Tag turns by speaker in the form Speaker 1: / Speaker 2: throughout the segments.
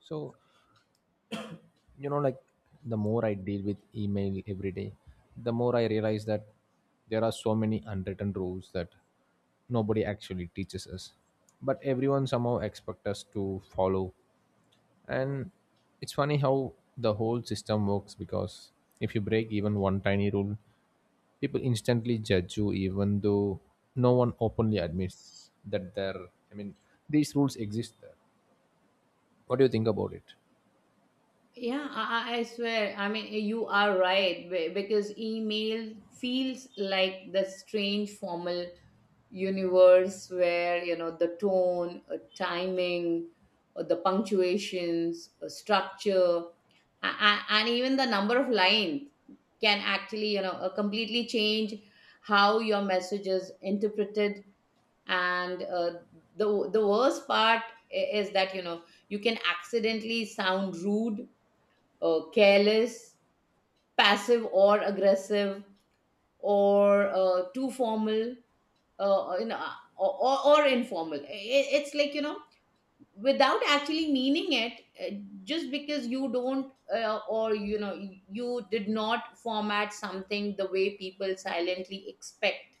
Speaker 1: So, like the more I deal with email every day, the more I realize that there are so many unwritten rules that nobody actually teaches us. But everyone somehow expects us to follow. And it's funny how the whole system works because if you break even one tiny rule, people instantly judge you even though no one openly admits that there I mean these rules exist there. What do you think about it?
Speaker 2: Yeah, I, I swear. I mean, you are right because email feels like the strange formal universe where you know the tone, timing, the punctuations, structure, and even the number of lines can actually completely change how your message is interpreted. And the worst part is that you know you can accidentally sound rude, careless, passive or aggressive, or too formal, uh, you know, or informal. It's like, you know, without actually meaning it, just because you don't or, you know, you did not format something the way people silently expect.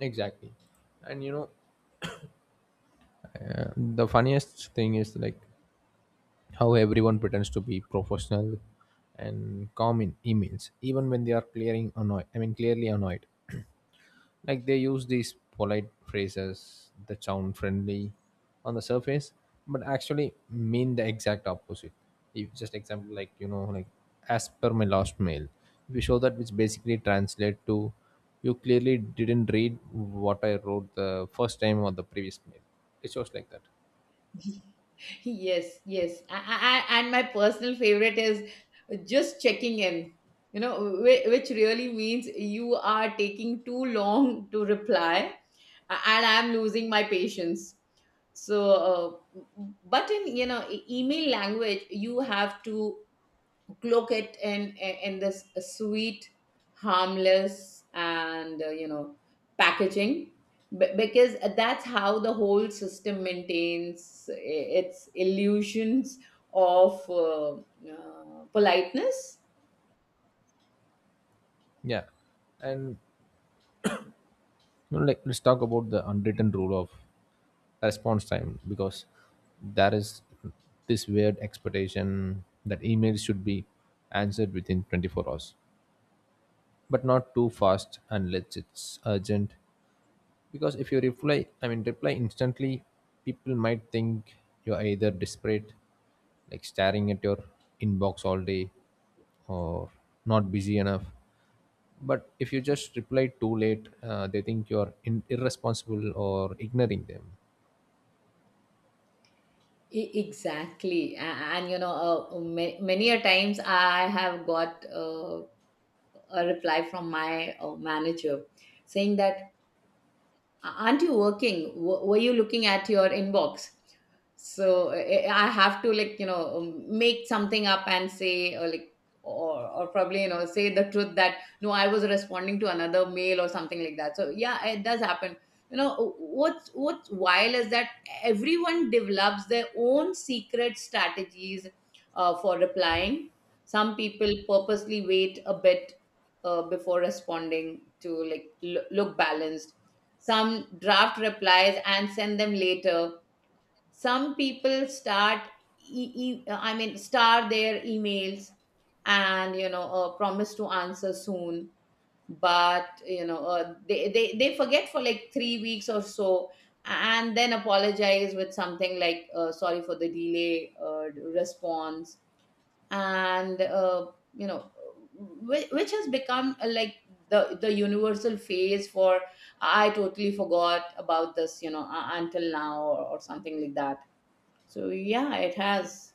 Speaker 1: Exactly, and the funniest thing is like how everyone pretends to be professional and calm in emails, even when they are clearing annoyed. I mean, clearly annoyed. Like they use these polite phrases that sound friendly on the surface, but actually mean the exact opposite. If just example like as per my last mail, we show that, which basically translate to you clearly didn't read what I wrote the first time or the previous mail. It shows like that.
Speaker 2: Yes, yes. I, and my personal favorite is just checking in, you know, which really means you are taking too long to reply and I'm losing my patience. So, but in, you know, email language, you have to cloak it in this sweet, harmless, and packaging, because that's how the whole system maintains its illusions of politeness.
Speaker 1: Yeah, and you know, like let's talk about the unwritten rule of response time because there is this weird expectation that emails should be answered within 24 hours, but not too fast unless it's urgent, because if you reply I mean reply instantly, people might think you're either desperate, like staring at your inbox all day, or not busy enough. But if you just reply too late, they think you're irresponsible or ignoring them.
Speaker 2: Exactly. And you know, many a times I have got a reply from my manager saying that aren't you working, were you looking at your inbox? So I have to, like, you know, make something up and say, or like, or probably, you know, say the truth that no, I was responding to another mail or something like that. So yeah, it does happen. You know what's wild is that everyone develops their own secret strategies for replying. Some people purposely wait a bit before responding to, like, look balanced. Some draft replies and send them later. Some people start, star their emails and, you know, promise to answer soon, but, you know, they, they forget for like 3 weeks or so, and then apologize with something like, sorry for the delay response, and you know which has become, like, the universal phase for I totally forgot about this, you know, until now, or something like that. So yeah, it has.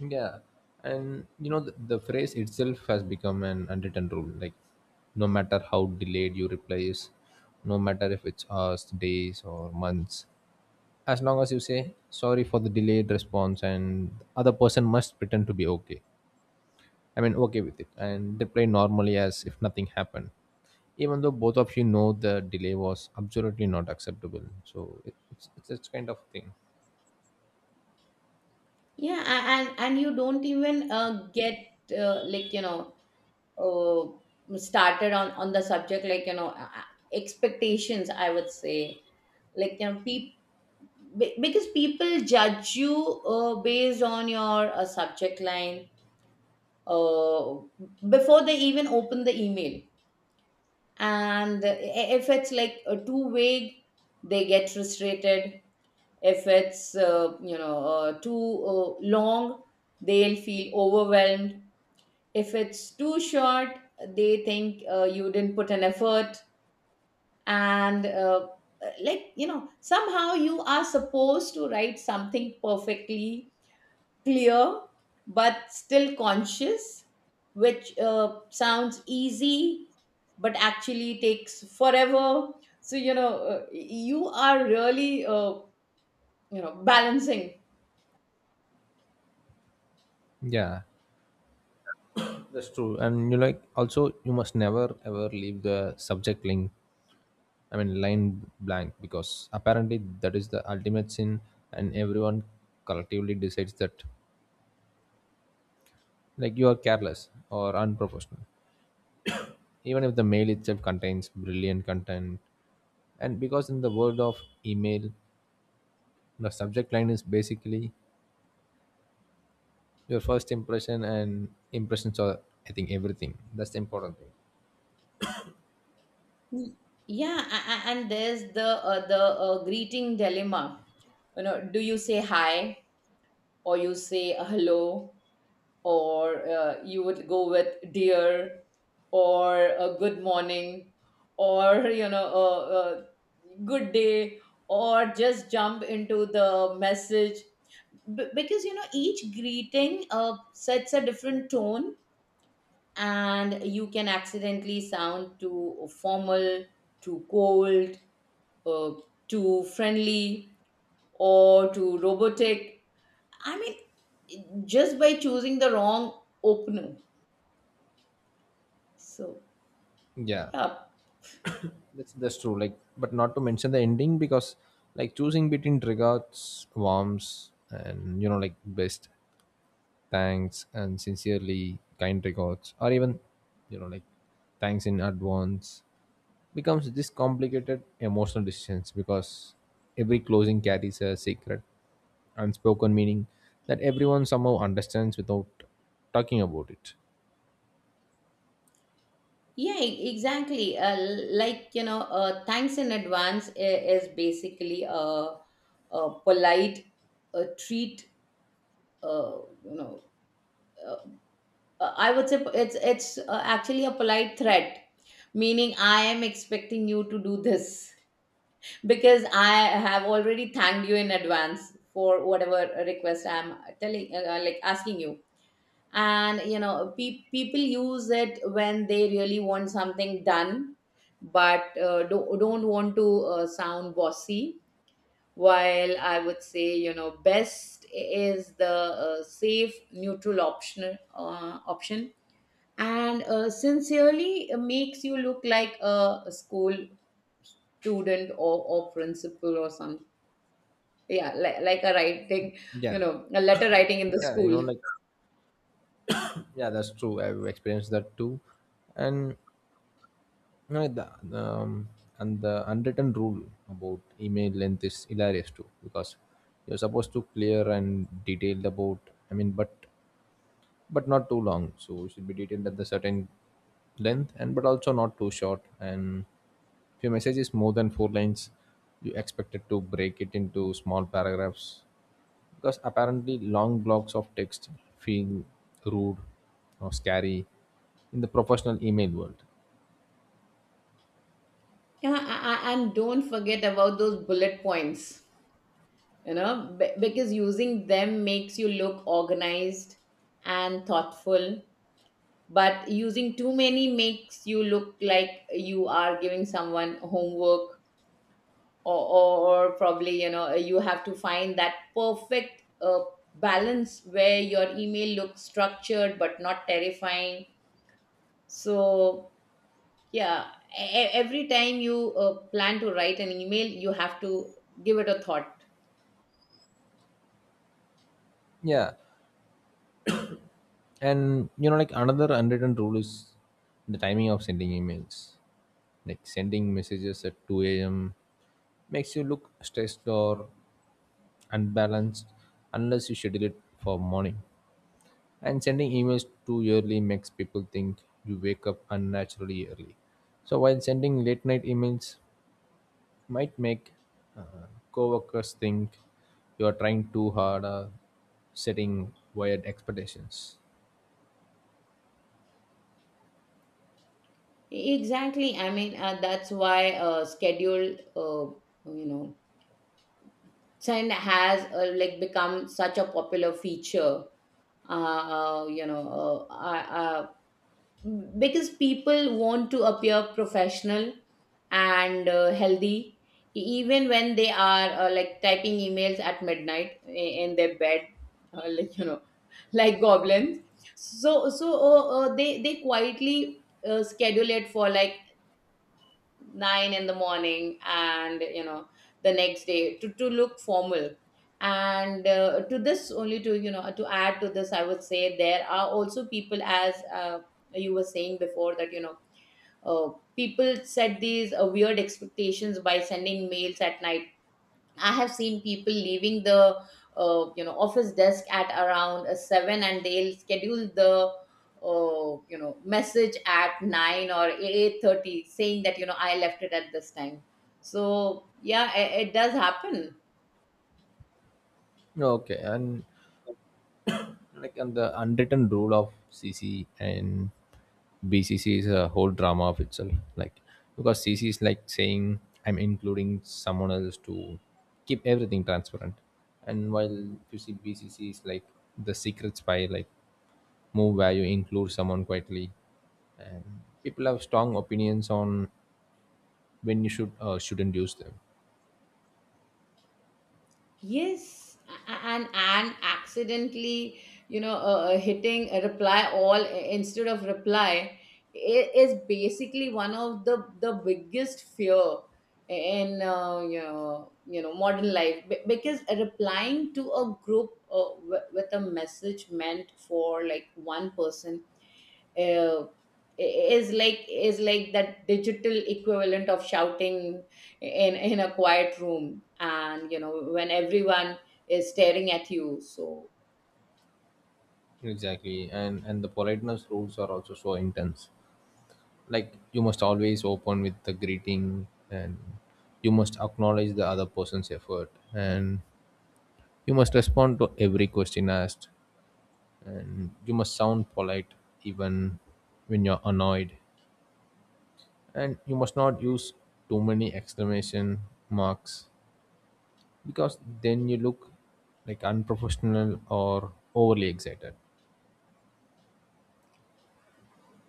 Speaker 1: Yeah, and you know the phrase itself has become an unwritten rule. Like, no matter how delayed you reply is, no matter if it's hours, days, or months, as long as you say sorry for the delayed response, and the other person must pretend to be okay with it, and reply normally as if nothing happened, even though both of you know the delay was absolutely not acceptable. So it, it's kind of thing.
Speaker 2: Yeah, and you don't even get uh, like you know started on the subject, like, you know, expectations, I would say, like, you know, people, because people judge you based on your subject line uh, before they even open the email. And if it's like too vague, they get frustrated. If it's too long, they'll feel overwhelmed. If it's too short, they think you didn't put an effort. And somehow you are supposed to write something perfectly clear but still conscious, which sounds easy but actually takes forever. So, you know, you are really, balancing.
Speaker 1: Yeah, that's true. And you like also you must never ever leave the subject link, I mean line blank, because apparently that is the ultimate sin, and everyone collectively decides that like you are careless or unprofessional, even if the mail itself contains brilliant content. And because in the world of email, the subject line is basically your first impression, and impressions are, I think, everything. That's the important thing.
Speaker 2: Y- Yeah, and there's the greeting dilemma. You know, do you say hi or you say hello? Or you would go with dear, or a good morning, or, you know, a good day, or just jump into the message? Because, you know, each greeting sets a different tone, and you can accidentally sound too formal, too cold, uh, too friendly, or too robotic, I mean, just by choosing the wrong opener. So
Speaker 1: Yeah.
Speaker 2: yeah.
Speaker 1: That's true. Like, but not to mention the ending, because like choosing between regards, warms, and you know, like, best, thanks, and sincerely, kind regards, or even, you know, like, thanks in advance, becomes this complicated emotional decisions because every closing carries a secret, unspoken meaning that everyone somehow understands without talking about it.
Speaker 2: Yeah, exactly. Like, you know, thanks in advance is basically a polite uh treat, uh, you know, uh, I would say it's actually a polite threat, meaning I am expecting you to do this because I have already thanked you in advance for whatever request I'm telling, like, asking you. And you know people use it when they really want something done, but don't want to sound bossy. While, I would say, you know, best is the safe neutral option. And sincerely makes you look like a school student, or principal, or some, yeah, like a writing,
Speaker 1: Yeah,
Speaker 2: you know, a letter writing in the
Speaker 1: yeah, you
Speaker 2: school.
Speaker 1: know, like, yeah, that's true. I've experienced that too. And No, the, um, and the unwritten rule about email length is hilarious too, because you're supposed to clear and detailed about I mean but but not too long, so it should be detailed at the certain length, and but also not too short. And if your message is more than four lines, you expected to break it into small paragraphs, because apparently long blocks of text feel rude or scary in the professional email world.
Speaker 2: Yeah, and don't forget about those bullet points, you know, because using them makes you look organized and thoughtful, but using too many makes you look like you are giving someone homework. Or, or probably, you know, you have to find that perfect balance where your email looks structured but not terrifying. So yeah, every time you plan to write an email, you have to give it a thought.
Speaker 1: Yeah. And you know, like, another unwritten rule is the timing of sending emails. Like sending messages at 2 a.m. makes you look stressed or unbalanced unless you schedule it for morning. And sending emails too early makes people think you wake up unnaturally early. So while sending late night emails might make uh, coworkers think you are trying too hard or setting wired expectations.
Speaker 2: Exactly. I mean, that's why schedule, send has like become such a popular feature. Uh, uh, you know, uh, uh, uh, because people want to appear professional and healthy, even when they are like typing emails at midnight in their bed, uh, like you know, like goblins. So, they quietly schedule it for like nine in the morning, and you know, the next day, to look formal. And to this only to, you know, to add to this, I would say there are also people, as you were saying before, that, you know, uh, people set these weird expectations by sending mails at night. I have seen people leaving the office desk at around seven, and they'll schedule the message at 9 or 8:30, saying that, you know, I left it at this time. So yeah, it does happen.
Speaker 1: Okay, and like, and the unwritten rule of cc and bcc is a whole drama of itself, like, because cc is like saying I'm including someone else to keep everything transparent. And while you see bcc is like the secret spy like move where you include someone quietly, and people have strong opinions on when you should, shouldn't use them.
Speaker 2: Yes, and accidentally, hitting a reply all instead of reply is basically one of the biggest fear in modern life. Because replying to a group with a message meant for like one person uh, is like, that digital equivalent of shouting in a quiet room, and, you know, when everyone is staring at you. So
Speaker 1: Exactly, and the politeness rules are also so intense. Like you must always open with the greeting, and you must acknowledge the other person's effort, and you must respond to every question asked, and you must sound polite even when you're annoyed, and you must not use too many exclamation marks, because then you look like unprofessional or overly excited.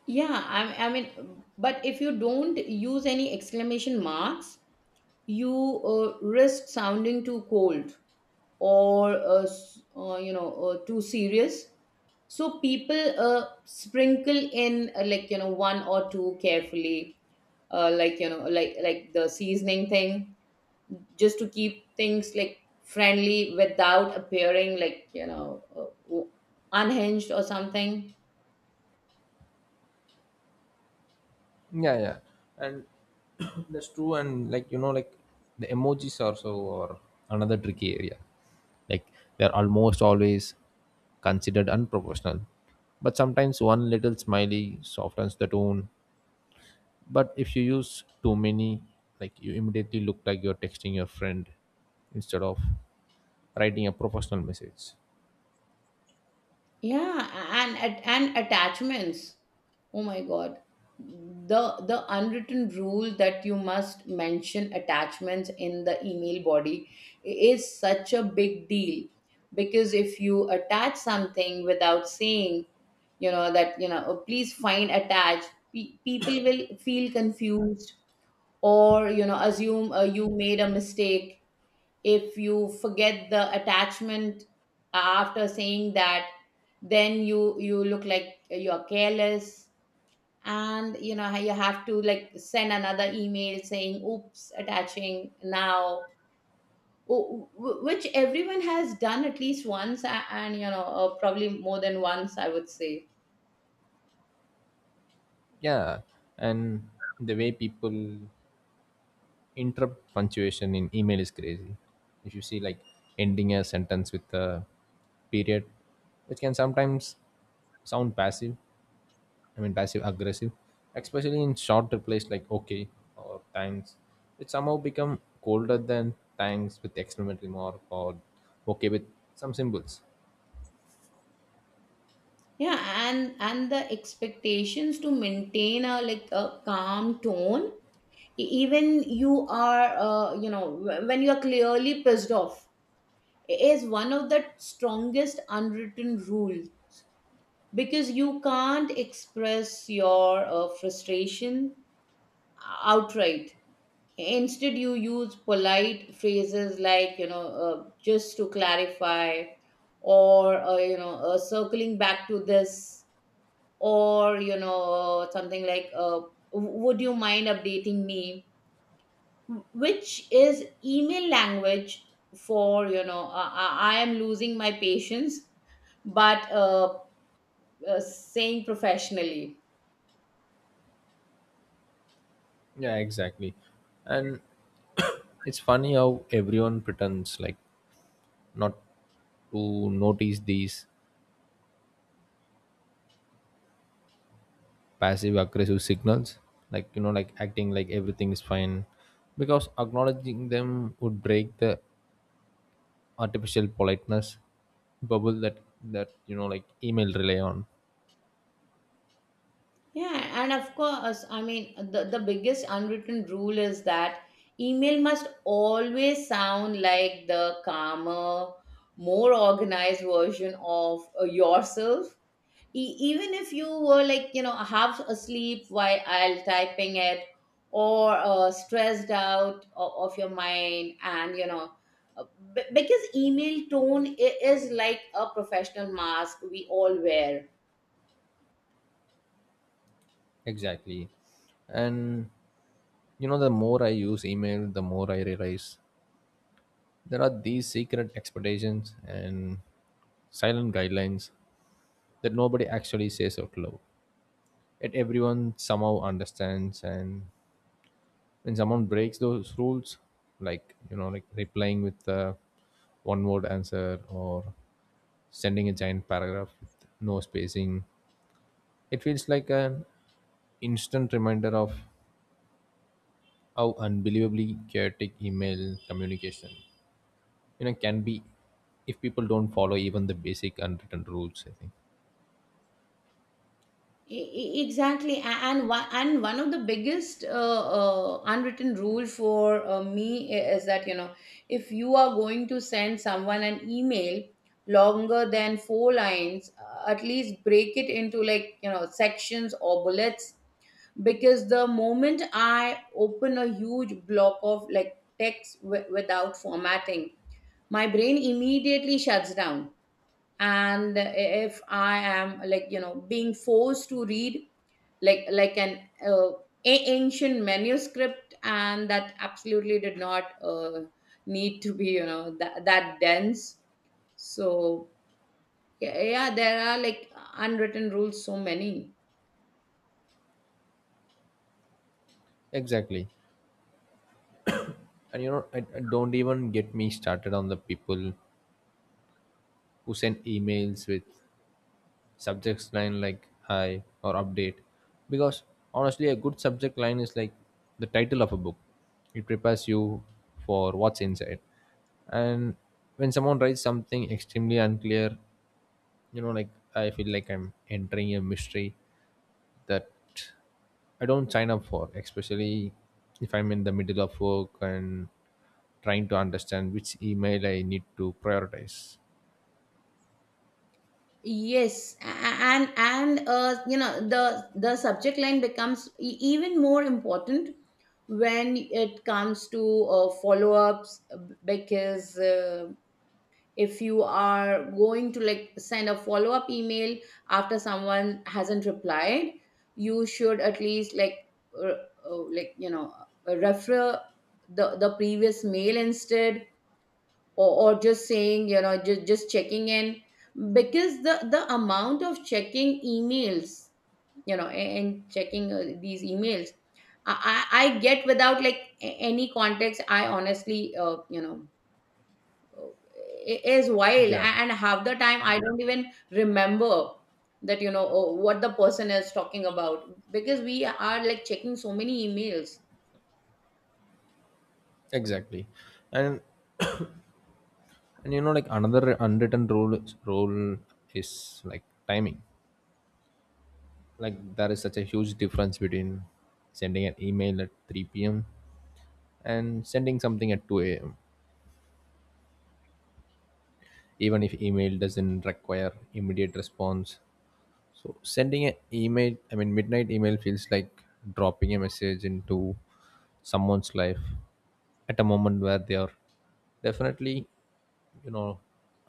Speaker 2: yeah, I mean, but if you don't use any exclamation marks, you risk sounding too cold, or too serious. So people sprinkle in, one or two carefully, like the seasoning thing, just to keep things like friendly without appearing, unhinged or something.
Speaker 1: Yeah, yeah, and that's true. And like, you know, like the emojis are so, or another tricky area. Like they're almost always considered unprofessional, but sometimes one little smiley softens the tone. But if you use too many, like you immediately look like you're texting your friend instead of writing a professional message.
Speaker 2: Yeah, and attachments. Oh my God. The unwritten rule that you must mention attachments in the email body is such a big deal, because if you attach something without saying, you know, that, you know, "Oh, please find attached," people will feel confused or, you know, assume you made a mistake. If you forget the attachment after saying that, then you look like you're careless. And you know how you have to like send another email saying oops, attaching now, which everyone has done at least once. And you know, probably more than once, I would say.
Speaker 1: Yeah, and the way people interrupt punctuation in email is crazy. If you see like ending a sentence with a period, which can sometimes sound passive, I mean passive aggressive, especially in short replies like okay or thanks, it somehow become colder than thanks with exclamation mark or okay with some symbols.
Speaker 2: Yeah, and the expectations to maintain a like a calm tone, even you are when you are clearly pissed off, is one of the strongest unwritten rules. Because you can't express your frustration outright. Instead, you use polite phrases like, you know, just to clarify, or circling back to this, or, you know, something like would you mind updating me, which is email language for, you know, I am losing my patience but saying professionally.
Speaker 1: Yeah, exactly. And it's funny how everyone pretends like not to notice these passive aggressive signals, like you know, like acting like everything is fine, because acknowledging them would break the artificial politeness bubble that you know like email rely on.
Speaker 2: Yeah, and of course, I mean, the biggest unwritten rule is that email must always sound like the calmer, more organized version of yourself. Even if you were, like, you know, half asleep while I'll typing it, or stressed out of your mind. And, you know, uh, because email tone is like a professional mask we all wear.
Speaker 1: Exactly, and you know the more I use email, the more I realize there are these secret expectations and silent guidelines that nobody actually says out loud, yet everyone somehow understands. And when someone breaks those rules, like you know, like replying with a one word answer or sending a giant paragraph with no spacing, it feels like an instant reminder of how unbelievably chaotic email communication you know can be if people don't follow even the basic unwritten rules, I think.
Speaker 2: Exactly. And one, and one of the biggest unwritten rule for me is that, you know, if you are going to send someone an email longer than four lines, at least break it into, like, you know, sections or bullets, because the moment I open a huge block of like text without formatting, my brain immediately shuts down. And if I am, like, you know, being forced to read like, an uh, ancient manuscript, and that absolutely did not need to be, you know, that, that dense. So yeah, yeah, there are like unwritten rules, so many.
Speaker 1: Exactly, and you know I don't even get me started on the people who send emails with subjects line like hi or update, because honestly a good subject line is like the title of a book. It prepares you for what's inside. And when someone writes something extremely unclear, you know, like, I feel like I'm entering a mystery that I don't sign up for, especially if I'm in the middle of work and trying to understand which email I need to prioritize.
Speaker 2: Yes, and the subject line becomes even more important when it comes to follow-ups, because if you are going to like send a follow up email after someone hasn't replied You should at least, uh, like, refer the previous mail instead. Or just saying, just checking in, because the amount of checking emails, and checking these emails I get without, like, any context, I honestly, is wild.
Speaker 1: Yeah,
Speaker 2: And half the time I don't even remember that, oh, what the person is talking about, because we are, like, checking so many emails.
Speaker 1: exactly. and and you know, like, another unwritten rule is like timing. Like there is such a huge difference between sending an email at 3 p.m. and sending something at 2 a.m., even if email doesn't require immediate response. So sending an email, I mean midnight email feels like dropping a message into someone's life at a moment where they are definitely, you know,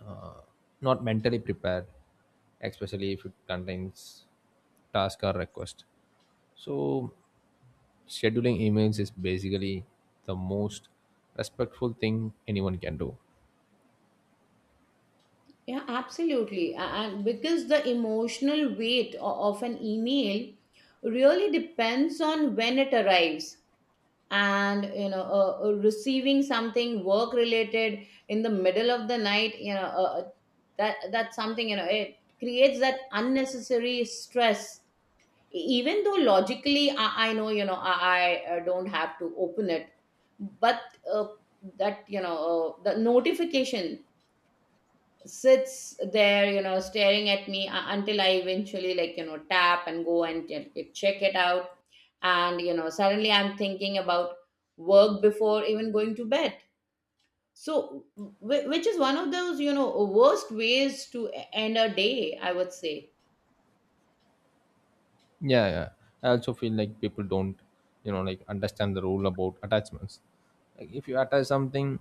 Speaker 1: uh, not mentally prepared, especially if it contains task or request. So scheduling emails is basically the most respectful thing anyone can do.
Speaker 2: Yeah, absolutely. And because the emotional weight of an email really depends on when it arrives. And, receiving something work related in the middle of the night, that's something, you know, it creates that unnecessary stress. Even though logically I know, you know, I don't have to open it, but uh, that you know the notification sits there, you know, staring at me, until I eventually, like, tap and go and check it out. And, suddenly I'm thinking about work before even going to bed, so which is one of those, you know, worst ways to end a day, I would say.
Speaker 1: Yeah, yeah. I also feel like people don't, you know, like understand the rule about attachments. Like if you attach something,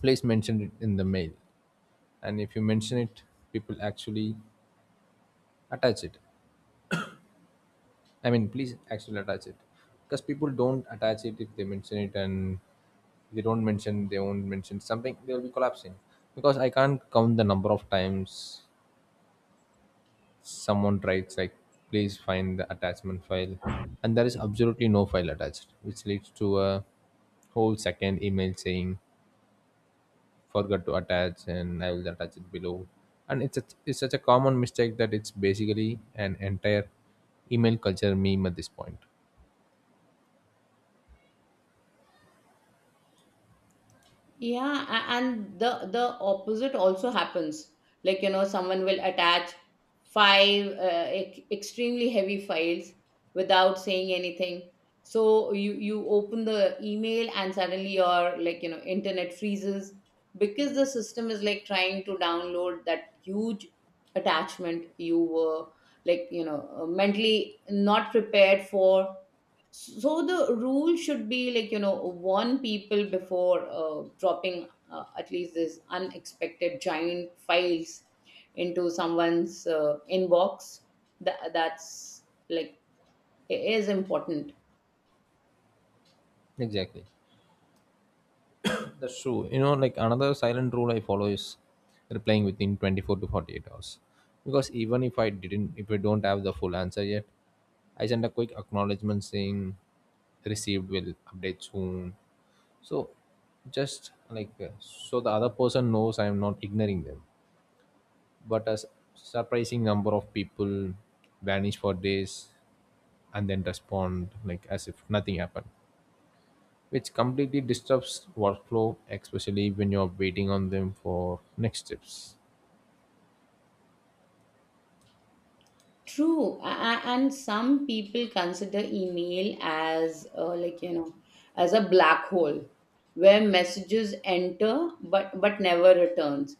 Speaker 1: please mention it in the mail. And if you mention it, people actually attach it. I mean, please actually attach it. Because people don't attach it if they mention it, and if they don't mention, they won't mention something, they'll be collapsing. Because I can't count the number of times someone writes like please find the attachment file, and there is absolutely no file attached, which leads to a whole second email saying forgot to attach and I will attach it below. And it's such a common mistake that it's basically an entire email culture meme at this point.
Speaker 2: Yeah, and the opposite also happens, like, you know, someone will attach five extremely heavy files without saying anything. So you open the email and suddenly your, like, internet freezes, because the system is, like, trying to download that huge attachment you were, like, mentally not prepared for. So the rule should be, like, warn people before, dropping, at least, this unexpected giant files into someone's, inbox. That's like, it is important.
Speaker 1: Exactly, that's true. You know, like, another silent rule I follow is replying within 24 to 48 hours. Because even if I don't have the full answer yet, I send a quick acknowledgement saying received will update soon. So just like, so the other person knows I am not ignoring them. But a surprising number of people vanish for days and then respond like as if nothing happened, which completely disrupts workflow, especially when you're waiting on them for next steps.
Speaker 2: True. And some people consider email as, like, as a black hole where messages enter but never returns.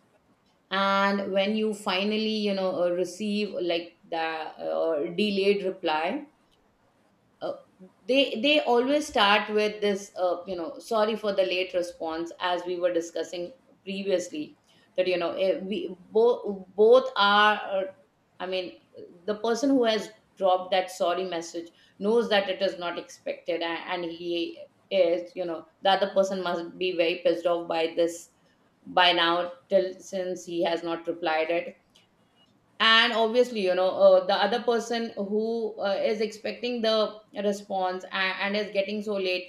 Speaker 2: And when you finally, receive, like, the delayed reply, uh, they always start with this, sorry for the late response, as we were discussing previously, that you know eh, we both are, I mean, the person who has dropped that sorry message knows that it is not expected, and he is, you know, the other person must be very pissed off by this by now, till since he has not replied it. And obviously, the other person who, is expecting the response and is getting so late,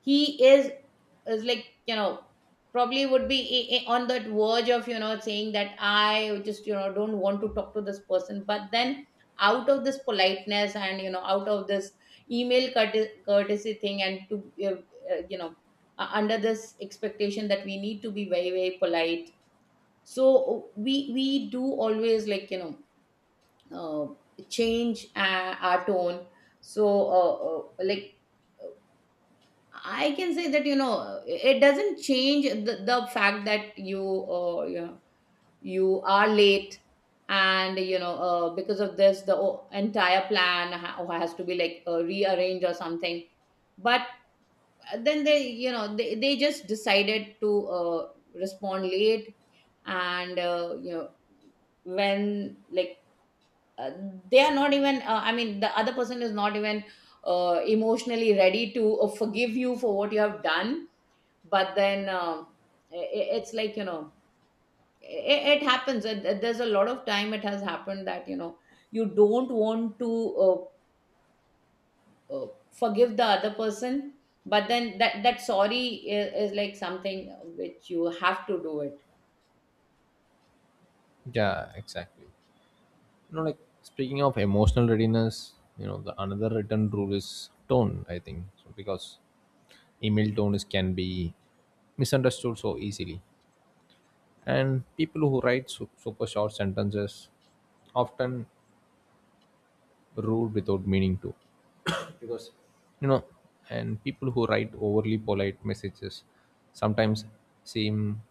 Speaker 2: he is, like, probably would be, on that verge of, saying that I just, don't want to talk to this person, but then out of this politeness, and, out of this email courtesy thing, and to, under this expectation that we need to be very, very polite. So we do always, like, uh, change, our tone. So, like, I can say that, you know, it doesn't change the fact that you you are late, and, because of this, the entire plan has to be, like, rearranged or something. But then they, they just decided to, respond late, and, when, like, uh, they are not even, I mean, the other person is not even, emotionally ready to, forgive you for what you have done. But then, i- it's, like, it happens. There's a lot of time it has happened that, you don't want to, uh, forgive the other person, but then that sorry is like something which you have to do it.
Speaker 1: Yeah, exactly. You know, like, speaking of emotional readiness, you know, the another written rule is tone, I think. So because email tone is can be misunderstood so easily. And people who write super short sentences often rule without meaning to, because you know, and people who write overly polite messages sometimes seem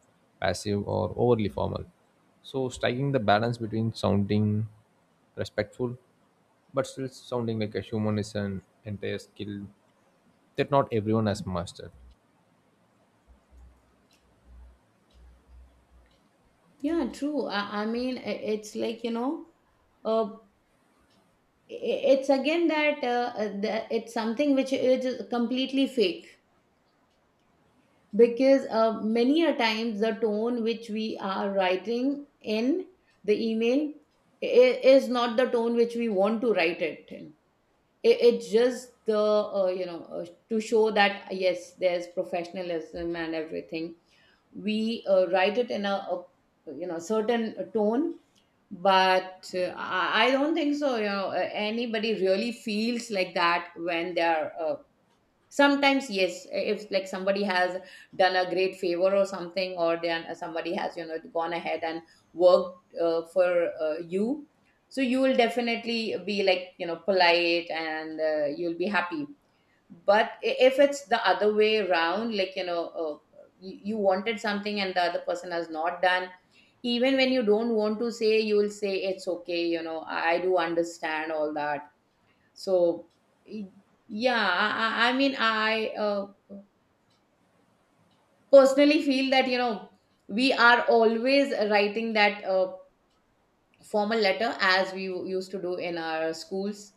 Speaker 1: passive or overly formal, so striking the balance between sounding respectful but still sounding like a human is an entire skill that not everyone has mastered.
Speaker 2: Yeah, true. I mean, it's, like, uh, it's again that, it's something which is completely fake, because, many a times the tone which we are writing in the email is not the tone which we want to write it in. It's just the, to show that yes, there's professionalism and everything. We, write it in a, you know, certain tone. But, I don't think so. You know, anybody really feels like that when they are. Sometimes, yes, if, like, somebody has done a great favor or something, or then somebody has, gone ahead and worked, for, you, so you will definitely be, like, polite, and you'll be happy. But if it's the other way around, like, you wanted something and the other person has not done, even when you don't want to say, you will say it's okay, I do understand all that. So, y- yeah, I mean, I personally feel that, we are always writing that, formal letter as we used to do in our schools.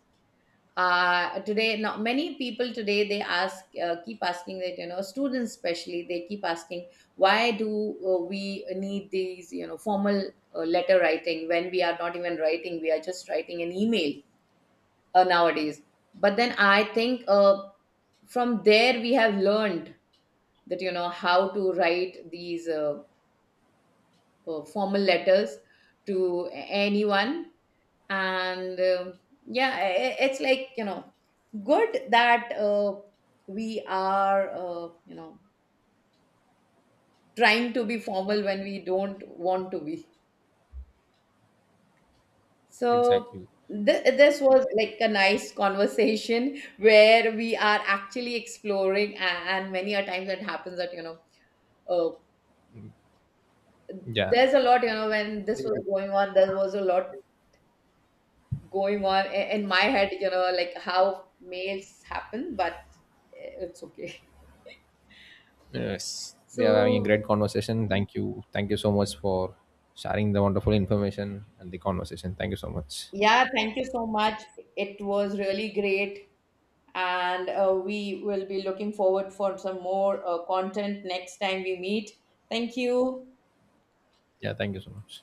Speaker 2: Today, now, many people today they ask, keep asking that, students especially, they keep asking, why do, we need these, you know, formal, letter writing, when we are not even writing, we are just writing an email, nowadays. But then I think, from there we have learned that, how to write these, formal letters to anyone. And yeah, it's like, good that, we are, trying to be formal when we don't want to be, so.
Speaker 1: Exactly.
Speaker 2: This was like a nice conversation where we are actually exploring, and many a times it happens that, uh,
Speaker 1: Yeah,
Speaker 2: there's a lot, you know, when this was going on there was a lot going on in my head, you know, like how males happen, but it's okay.
Speaker 1: yes, we are having a
Speaker 2: So,
Speaker 1: great conversation. Thank you, thank you so much for sharing the wonderful information and the conversation. Thank you so much.
Speaker 2: yeah, thank you so much. It was really great. And, we will be looking forward for some more, content next time we meet. Thank you.
Speaker 1: Yeah, thank you so much.